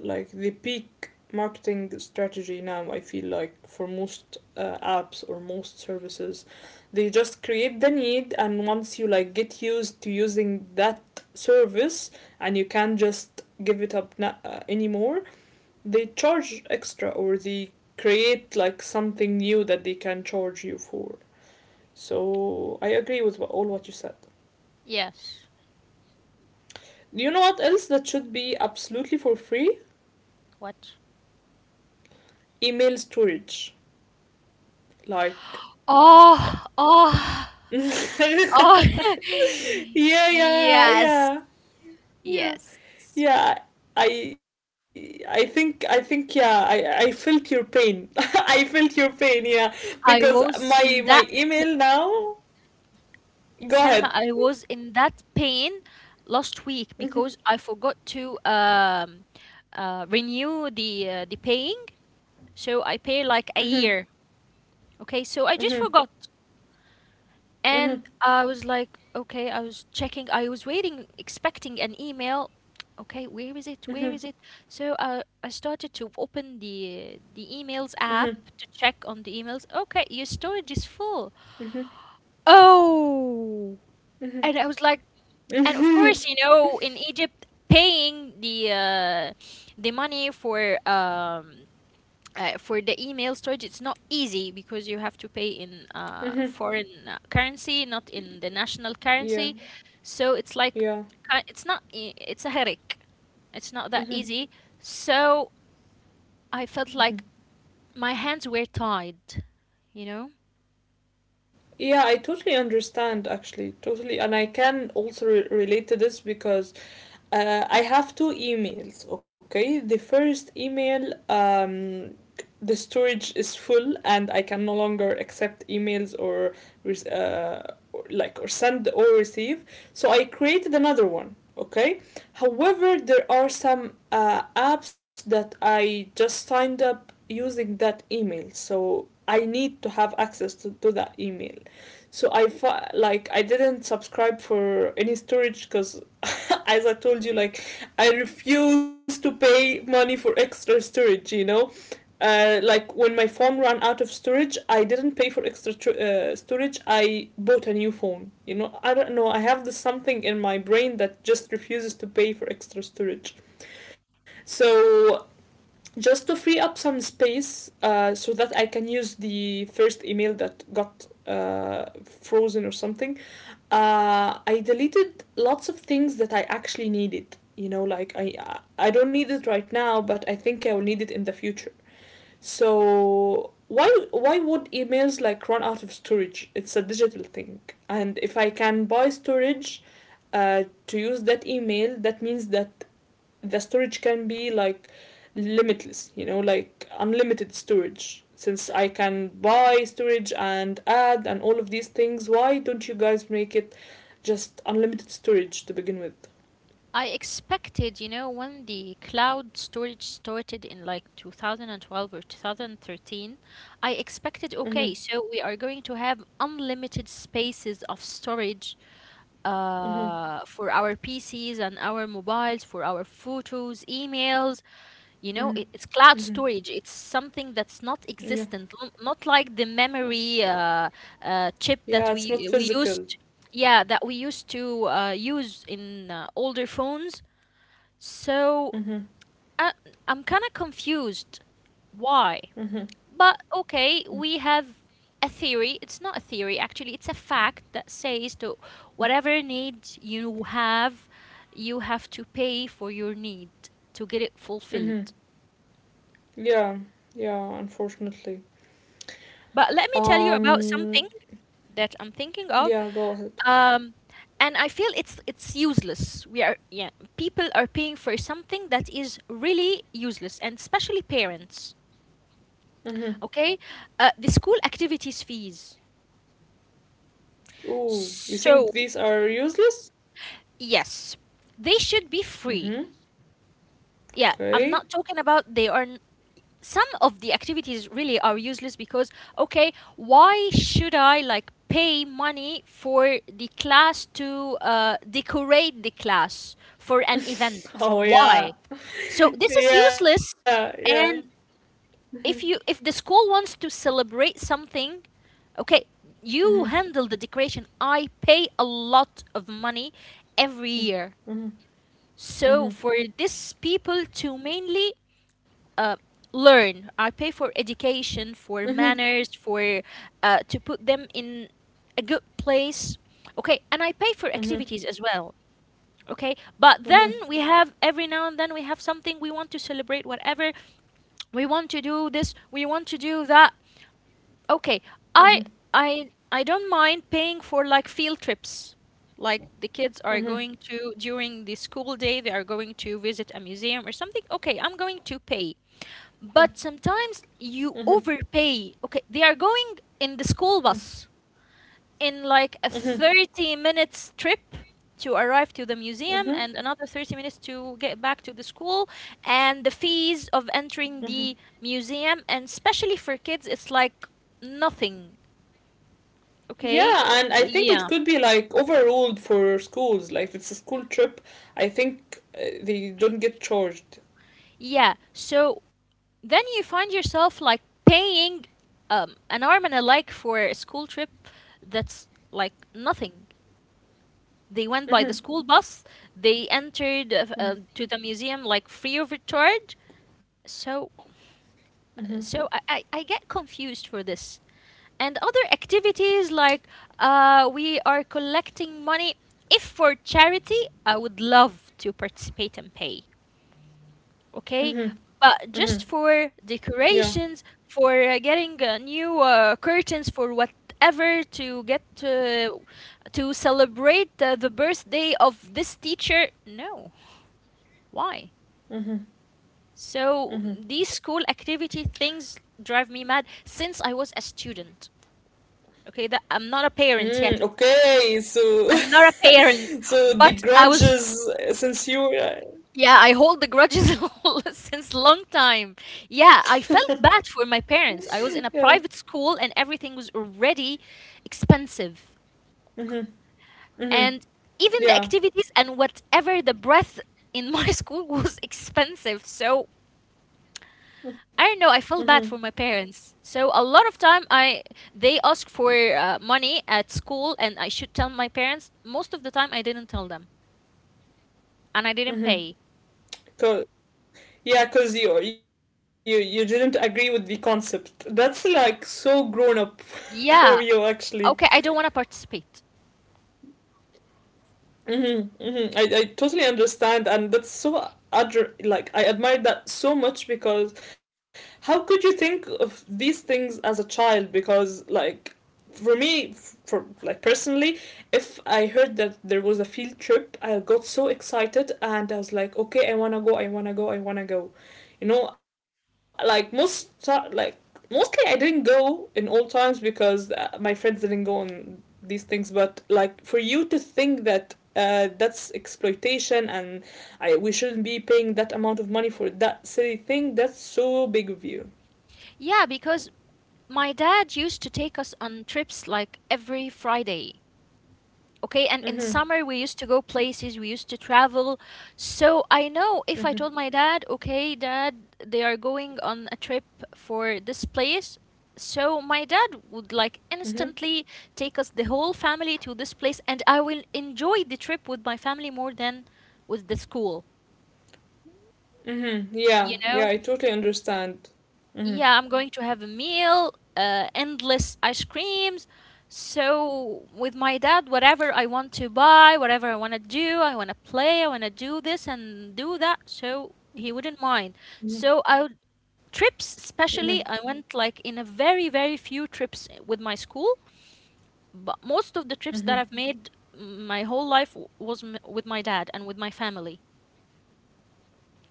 [SPEAKER 1] like the peak marketing strategy now, I feel like, for most apps or most services. They just create the need, and once you, like, get used to using that service, and you can't just give it up, anymore, they charge extra, or they create like something new that they can charge you for. So I agree with all what you said.
[SPEAKER 2] Yes.
[SPEAKER 1] You know what else that should be absolutely for free?
[SPEAKER 2] What?
[SPEAKER 1] Email storage. Like,
[SPEAKER 2] Oh, oh,
[SPEAKER 1] yeah,
[SPEAKER 2] oh.
[SPEAKER 1] yeah,
[SPEAKER 2] Yes,
[SPEAKER 1] yeah, yeah,
[SPEAKER 2] yes.
[SPEAKER 1] yeah. I think, yeah, I felt your pain, I felt your pain, yeah,
[SPEAKER 2] I
[SPEAKER 1] because
[SPEAKER 2] was
[SPEAKER 1] my
[SPEAKER 2] in
[SPEAKER 1] my
[SPEAKER 2] that, p-
[SPEAKER 1] email now, go
[SPEAKER 2] Selma,
[SPEAKER 1] ahead.
[SPEAKER 2] I was in that pain last week because
[SPEAKER 1] Mhm,
[SPEAKER 2] I forgot to renew the paying, so I pay like a
[SPEAKER 1] mhm,
[SPEAKER 2] year. Okay, so I
[SPEAKER 1] mhm,
[SPEAKER 2] just forgot. And
[SPEAKER 1] mhm,
[SPEAKER 2] I was like, okay, I was checking, I was waiting, expecting an email. Okay, where is it? Where is it? So I started
[SPEAKER 1] mhm,
[SPEAKER 2] to open the emails app to check on the emails.
[SPEAKER 1] mhm, mhm,
[SPEAKER 2] Okay, your storage is full.
[SPEAKER 1] mhm,
[SPEAKER 2] Oh, and I
[SPEAKER 1] mhm,
[SPEAKER 2] was like, and of course, you know, in Egypt, paying the money for the email storage, it's not easy because you have to pay
[SPEAKER 1] mhm.
[SPEAKER 2] in foreign currency, not in the national
[SPEAKER 1] Yeah,
[SPEAKER 2] currency. So it's
[SPEAKER 1] yeah.
[SPEAKER 2] like, it's not e- it's a headache, it's not
[SPEAKER 1] Mhm,
[SPEAKER 2] that easy. So I felt
[SPEAKER 1] mhm.
[SPEAKER 2] like my hands were tied, you know.
[SPEAKER 1] Yeah, I totally understand, actually, totally. And I can also relate to this, because I have two emails, okay? The first email, the storage is full and I can no longer accept emails, or or, like, or send or receive. So I created another one, okay? However, there are some apps that I just signed up using that email. So I need to have access to that email. So like, I didn't subscribe for any storage because, as I told you, like, I refuse to pay money for extra storage. You know, like, when my phone ran out of storage, I didn't pay for extra storage. I bought a new phone. You know, I don't know. I have this something in my brain that just refuses to pay for extra storage. So just to free up some space, so that I can use the first email that got frozen or something, I deleted lots of things that I actually needed. You know, like, I don't need it right now, but I think I will need it in the future. So why would emails like run out of storage? It's a digital thing, and if I can buy storage, to use that email, that means that the storage can be like limitless, you know, like unlimited storage. Since I can buy storage and add and all of these things, why don't you guys make it just unlimited storage to begin with?
[SPEAKER 2] I expected, you know, when the cloud storage started in like 2012 or 2013, I expected,
[SPEAKER 1] Mm-hmm.
[SPEAKER 2] okay, so we are going to have unlimited spaces of storage
[SPEAKER 1] Mm-hmm.
[SPEAKER 2] for our PCs and our mobiles, for our photos, emails.
[SPEAKER 1] Mm-hmm.
[SPEAKER 2] You know, it's
[SPEAKER 1] Mm-hmm.
[SPEAKER 2] cloud storage. It's something that's not
[SPEAKER 1] Yeah.
[SPEAKER 2] existent, not like the memory chip
[SPEAKER 1] Yeah,
[SPEAKER 2] that
[SPEAKER 1] it's not
[SPEAKER 2] we
[SPEAKER 1] physical.
[SPEAKER 2] used. Yeah, that we used to use in older phones. So
[SPEAKER 1] Mm-hmm.
[SPEAKER 2] I, I'm kind of confused. Why?
[SPEAKER 1] Mm-hmm.
[SPEAKER 2] But okay, we have a theory. It's not a theory, actually, it's a fact that says to whatever need you have to pay for your need to get it
[SPEAKER 1] Mm-hmm.
[SPEAKER 2] fulfilled.
[SPEAKER 1] Yeah, yeah, unfortunately.
[SPEAKER 2] But let me tell you about
[SPEAKER 1] um
[SPEAKER 2] something that I'm thinking of.
[SPEAKER 1] yeah, go ahead.
[SPEAKER 2] Um, and I feel it's useless. We are, yeah, people are paying for something that is really useless, and especially parents.
[SPEAKER 1] Mm-hmm.
[SPEAKER 2] Okay, the school activities fees.
[SPEAKER 1] Ooh, you
[SPEAKER 2] So
[SPEAKER 1] think these are useless?
[SPEAKER 2] yes, they should be free.
[SPEAKER 1] Mm-hmm.
[SPEAKER 2] Yeah, I'm
[SPEAKER 1] Okay.
[SPEAKER 2] not talking about they are. Some of the activities really are useless because, okay, why should I like pay money for the class to decorate the class for an event?
[SPEAKER 1] Oh yeah,
[SPEAKER 2] Why? So this is
[SPEAKER 1] yeah,
[SPEAKER 2] useless.
[SPEAKER 1] yeah.
[SPEAKER 2] And
[SPEAKER 1] Mhm,
[SPEAKER 2] if you, if the school wants to celebrate something, okay, you
[SPEAKER 1] mhm,
[SPEAKER 2] handle the decoration. I pay a lot of money every year.
[SPEAKER 1] mhm,
[SPEAKER 2] So
[SPEAKER 1] mhm,
[SPEAKER 2] for these people to mainly uh, learn, I pay for education,
[SPEAKER 1] mhm,
[SPEAKER 2] for manners, for to put them in a good place. Okay, and I pay for
[SPEAKER 1] mhm, mhm,
[SPEAKER 2] activities as well. Okay, but then
[SPEAKER 1] mhm,
[SPEAKER 2] we have every now and then, we have something we want to celebrate, whatever, we want to do this, we want to do that. Okay, I
[SPEAKER 1] mhm,
[SPEAKER 2] I don't mind paying for like field trips. Like the kids are
[SPEAKER 1] mhm,
[SPEAKER 2] going to, during the school day, they are going to visit a museum or something. Okay, I'm going to pay. But sometimes you overpay. Okay, they are going in the
[SPEAKER 1] mhm,
[SPEAKER 2] school bus in like a
[SPEAKER 1] mhm,
[SPEAKER 2] 30 minutes trip to arrive to the museum,
[SPEAKER 1] mhm.
[SPEAKER 2] and another 30 minutes to get back to the school, and the fees of
[SPEAKER 1] Mhm.
[SPEAKER 2] entering the museum, and especially for kids, it's like nothing. Okay,
[SPEAKER 1] Yeah, and I think
[SPEAKER 2] yeah.
[SPEAKER 1] it could be like overruled for schools. Like if it's a school trip, I think they don't get charged.
[SPEAKER 2] Yeah, so then you find yourself like paying an arm and a leg for a school trip that's like nothing. They went by the
[SPEAKER 1] Mhm,
[SPEAKER 2] school bus, they entered
[SPEAKER 1] mhm,
[SPEAKER 2] to the museum like free of charge. So
[SPEAKER 1] mhm,
[SPEAKER 2] so I get confused for this. And other activities like, we are collecting money. If for charity, I would love to participate and pay, okay?
[SPEAKER 1] mhm,
[SPEAKER 2] But just
[SPEAKER 1] mhm.
[SPEAKER 2] for
[SPEAKER 1] Yeah.
[SPEAKER 2] decorations, for getting new curtains, for whatever, to get to celebrate the birthday of this teacher, no. Why?
[SPEAKER 1] Mhm,
[SPEAKER 2] So
[SPEAKER 1] mhm.
[SPEAKER 2] these school activity things drive me mad since I was a student. Okay, that I'm not a parent yet.
[SPEAKER 1] Mm, okay, so
[SPEAKER 2] I'm not a parent,
[SPEAKER 1] so the
[SPEAKER 2] but I was.
[SPEAKER 1] grudges since you
[SPEAKER 2] Yeah, I hold the grudges all since long time. Yeah, I felt bad for my parents.
[SPEAKER 1] Yeah.
[SPEAKER 2] I was in a private school and everything was already expensive.
[SPEAKER 1] Mhm. Mhm.
[SPEAKER 2] And even the
[SPEAKER 1] Yeah.
[SPEAKER 2] activities and whatever the breath in my school was expensive. So I don't know, I felt
[SPEAKER 1] Mhm.
[SPEAKER 2] bad for my parents. So a lot of time I, they ask for money at school and I should tell my parents. Most of the time I didn't tell them, and I didn't
[SPEAKER 1] Mhm.
[SPEAKER 2] pay.
[SPEAKER 1] Co- yeah, cause you didn't agree with the concept. That's like so grown up from you,
[SPEAKER 2] Yeah.
[SPEAKER 1] actually.
[SPEAKER 2] Okay, I don't want to participate.
[SPEAKER 1] Mm-hmm, mm-hmm. I totally understand, and that's so like I admire that so much, because how could you think of these things as a child? Because like, for me, for, like, personally, if I heard that there was a field trip, I got so excited and I was like, okay, I wanna go, I wanna go, I wanna go. You know, like like mostly I didn't go in all times because my friends didn't go on these things, but like for you to think that that's exploitation, and I, we shouldn't be paying that amount of money for that silly thing, that's so big of you.
[SPEAKER 2] Yeah, because my dad used to take us on trips like every Friday. Okay, and in
[SPEAKER 1] Mm-hmm,
[SPEAKER 2] summer we used to go places, we used to travel. So I know if I told
[SPEAKER 1] mm-hmm,
[SPEAKER 2] my dad, okay, dad, they are going on a trip for this place. So my dad would like
[SPEAKER 1] mm-hmm,
[SPEAKER 2] instantly take us the whole family to this place, and I will enjoy the trip with my family more than with the school,
[SPEAKER 1] mm-hmm, yeah,
[SPEAKER 2] you
[SPEAKER 1] yeah,
[SPEAKER 2] know?
[SPEAKER 1] I totally understand. Mm-hmm,
[SPEAKER 2] Yeah, I'm going to have a meal, endless ice creams. So with my dad, whatever I want to buy, whatever I want to do, I want to play, I want to do this and do that. So he wouldn't mind.
[SPEAKER 1] mm-hmm,
[SPEAKER 2] So I would,
[SPEAKER 1] mm-hmm,
[SPEAKER 2] trips, especially, I went like in a very, very few trips with my school. But most of the trips
[SPEAKER 1] mm-hmm.
[SPEAKER 2] that I've made my whole life with my dad and with my family.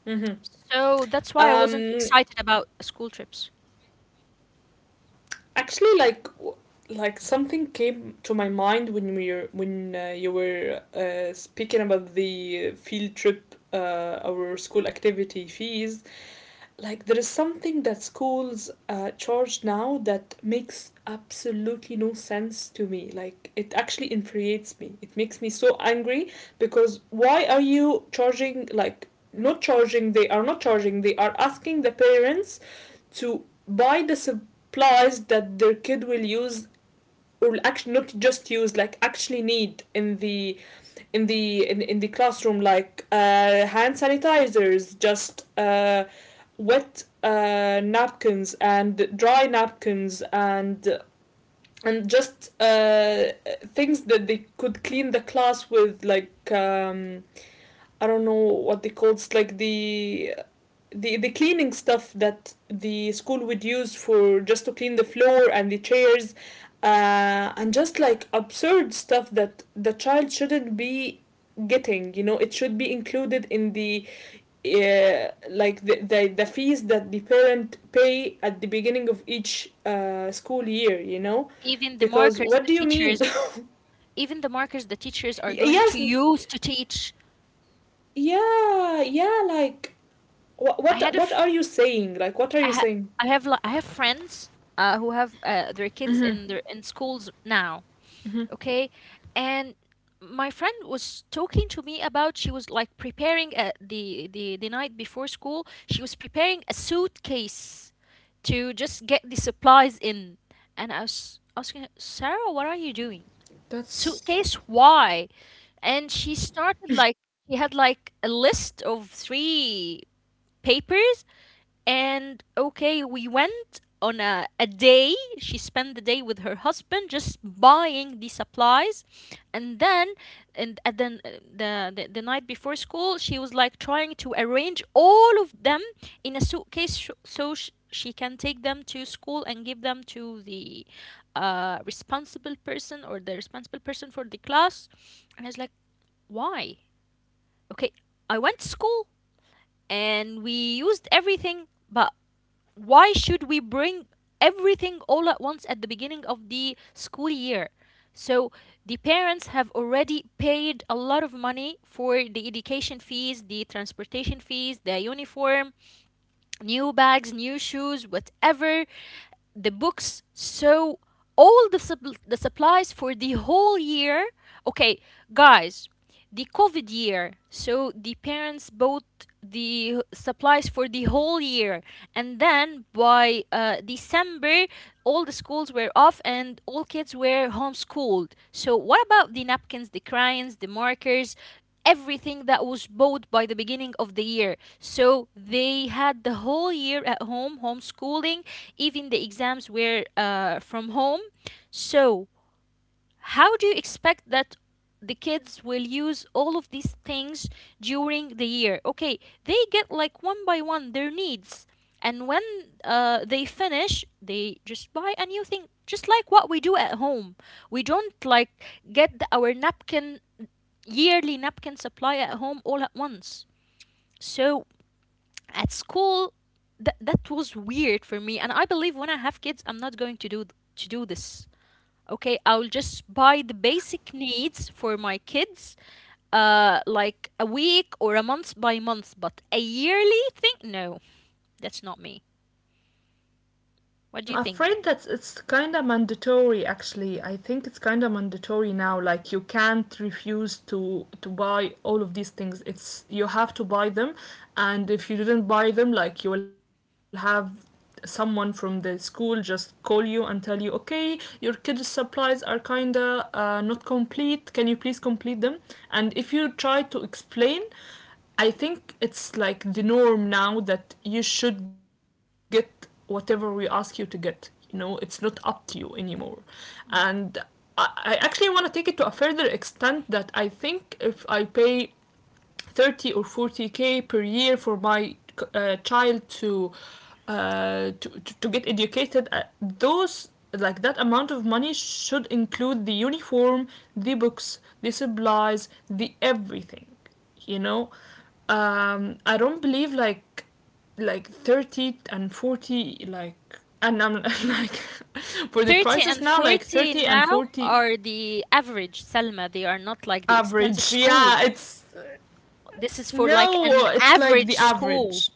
[SPEAKER 1] Mm-hmm.
[SPEAKER 2] So that's why I wasn't
[SPEAKER 1] um
[SPEAKER 2] excited about school trips,
[SPEAKER 1] Actually, like, like, something came to my mind when we were when you were speaking about the field trip, our school activity fees. Like, there is something that schools charge now that makes absolutely no sense to me. Like, it actually infuriates me. It makes me so angry, because why are you charging? Like, not charging. They are not charging. They are asking the parents to buy the supplies that their kid will use, or actually not just use, like actually need in the in the classroom, like hand sanitizers, just wet napkins, and dry napkins, and just things that they could clean the class with, like I don't know what they call. It's like the cleaning stuff that the school would use for, just to clean the floor and the chairs, and just like absurd stuff that the child shouldn't be getting. It should be included in the like the fees that the parent pay at the beginning of each school year. you know
[SPEAKER 2] even the
[SPEAKER 1] because
[SPEAKER 2] markers,
[SPEAKER 1] what
[SPEAKER 2] the
[SPEAKER 1] do you mean?
[SPEAKER 2] teachers, even the markers the teachers are going to
[SPEAKER 1] Yes.
[SPEAKER 2] use to teach.
[SPEAKER 1] Yeah, yeah, like what
[SPEAKER 2] I
[SPEAKER 1] what
[SPEAKER 2] had a
[SPEAKER 1] what
[SPEAKER 2] f-
[SPEAKER 1] are you saying? Like, what are
[SPEAKER 2] I,
[SPEAKER 1] you
[SPEAKER 2] ha-
[SPEAKER 1] saying?
[SPEAKER 2] I have li- I have friends who have their kids in their in schools now, okay? And my friend was talking to me about, she was like preparing the night before school, she was preparing a suitcase to just get the supplies in. And I was asking her, Sarah, what are you doing? Suitcase,
[SPEAKER 1] That's
[SPEAKER 2] why? And she started like, she had like a list of three papers, and okay, we went on a day, she spent the day with her husband just buying the supplies, and then and, and then uh, the night before school she was like trying to arrange all of them in a suitcase so she can take them to school and give them to the responsible person, or the responsible person for the class. And I was like, why? Okay, I went to school and we used everything, but why should we bring everything all at once at the beginning of the school year? So the parents have already paid a lot of money for the education fees, the transportation fees, the uniform, new bags, new shoes, whatever, the books, so all the, the supplies for the whole year, okay guys, the covid year, so the parents bought the supplies for the whole year, and then by december all the schools were off and all kids were homeschooled, so what about the napkins, the crayons, the markers, everything that was bought by the beginning of the year. So they had the whole year at home homeschooling, even the exams were from home. So how do you expect that the kids will use all of these things during the year? Okay, they get like one by one their needs. And when they finish, they just buy a new thing, just like what we do at home. We don't like get our napkin, yearly napkin supply at home all at once. So at school, that was weird for me, and I believe when I have kids I'm not going to do this. Okay, I'll just buy the basic needs for my kids, like a week or a month by month, but a yearly thing, no, that's not me. What do
[SPEAKER 1] I'm
[SPEAKER 2] you think?
[SPEAKER 1] afraid that it's kind of mandatory, actually. I think it's kind of mandatory now. Like, you can't refuse to buy all of these things. It's, you have to buy them, and if you didn't buy them, like, you will have someone from the school just call you and tell you, okay, your kid's supplies are kinda not complete. Can you please complete them? And if you try to explain, I think it's like the norm now, that you should get whatever we ask you to get. You know, it's not up to you anymore. And I actually want to take it to a further extent, that I think, if I pay 30 or 40K per year for my child to, uh, to get educated, those, like, that amount of money should include the uniform, the books, the supplies, the everything. you know I don't believe, like, 30 and 40, like, and I'm like, for the
[SPEAKER 2] 30
[SPEAKER 1] prices
[SPEAKER 2] and
[SPEAKER 1] now, like
[SPEAKER 2] 40
[SPEAKER 1] 30 and
[SPEAKER 2] now
[SPEAKER 1] 40.
[SPEAKER 2] are the average, Selma, they are not like the expensive
[SPEAKER 1] Average,
[SPEAKER 2] school.
[SPEAKER 1] yeah, it's,
[SPEAKER 2] This is for like
[SPEAKER 1] no,
[SPEAKER 2] an
[SPEAKER 1] it's like
[SPEAKER 2] average
[SPEAKER 1] the
[SPEAKER 2] school.
[SPEAKER 1] average.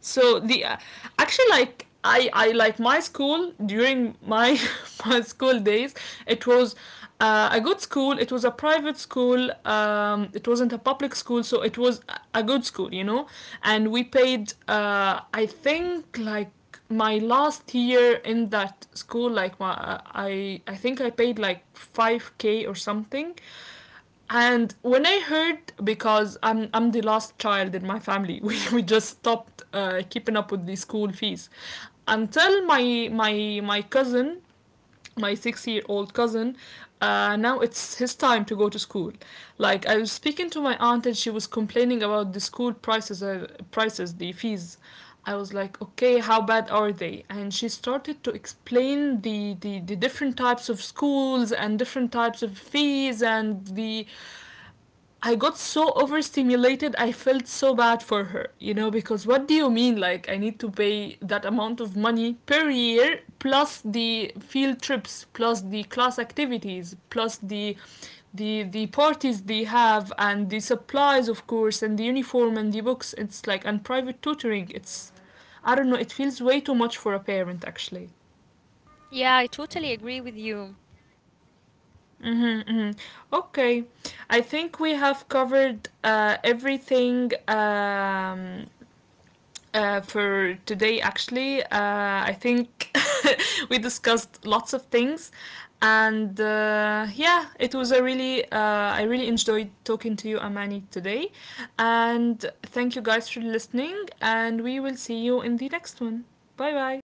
[SPEAKER 1] So the actually, like, I like my school during my my school days. It was a good school. It was a private school. It wasn't a public school, so it was good school, you know. And we paid, I think, like my last year in that school, like my, I think I paid like 5K or something, and when I heard, because I'm the last child in my family, we just stopped keeping up with the school fees, until my cousin, my 6-year old cousin, now it's his time to go to school. Like, I was speaking to my aunt and she was complaining about the school prices, the fees. I was like, okay, how bad are they? And she started to explain the different types of schools and different types of fees, and the I got so overstimulated, I felt so bad for her, because what do you mean? Like, I need to pay that amount of money per year, plus the field trips, plus the class activities, plus the parties they have, and the supplies, of course, and the uniform, and the books. It's like, and private tutoring, it's, I don't know, it feels way too much for a parent, actually.
[SPEAKER 2] Yeah, I totally agree with you.
[SPEAKER 1] hmm hmm Okay, I think we have covered everything for today, actually. I think we discussed lots of things, and yeah, it was a really, I really enjoyed talking to you, Amani, today. And thank you guys for listening, and we will see you in the next one. Bye bye.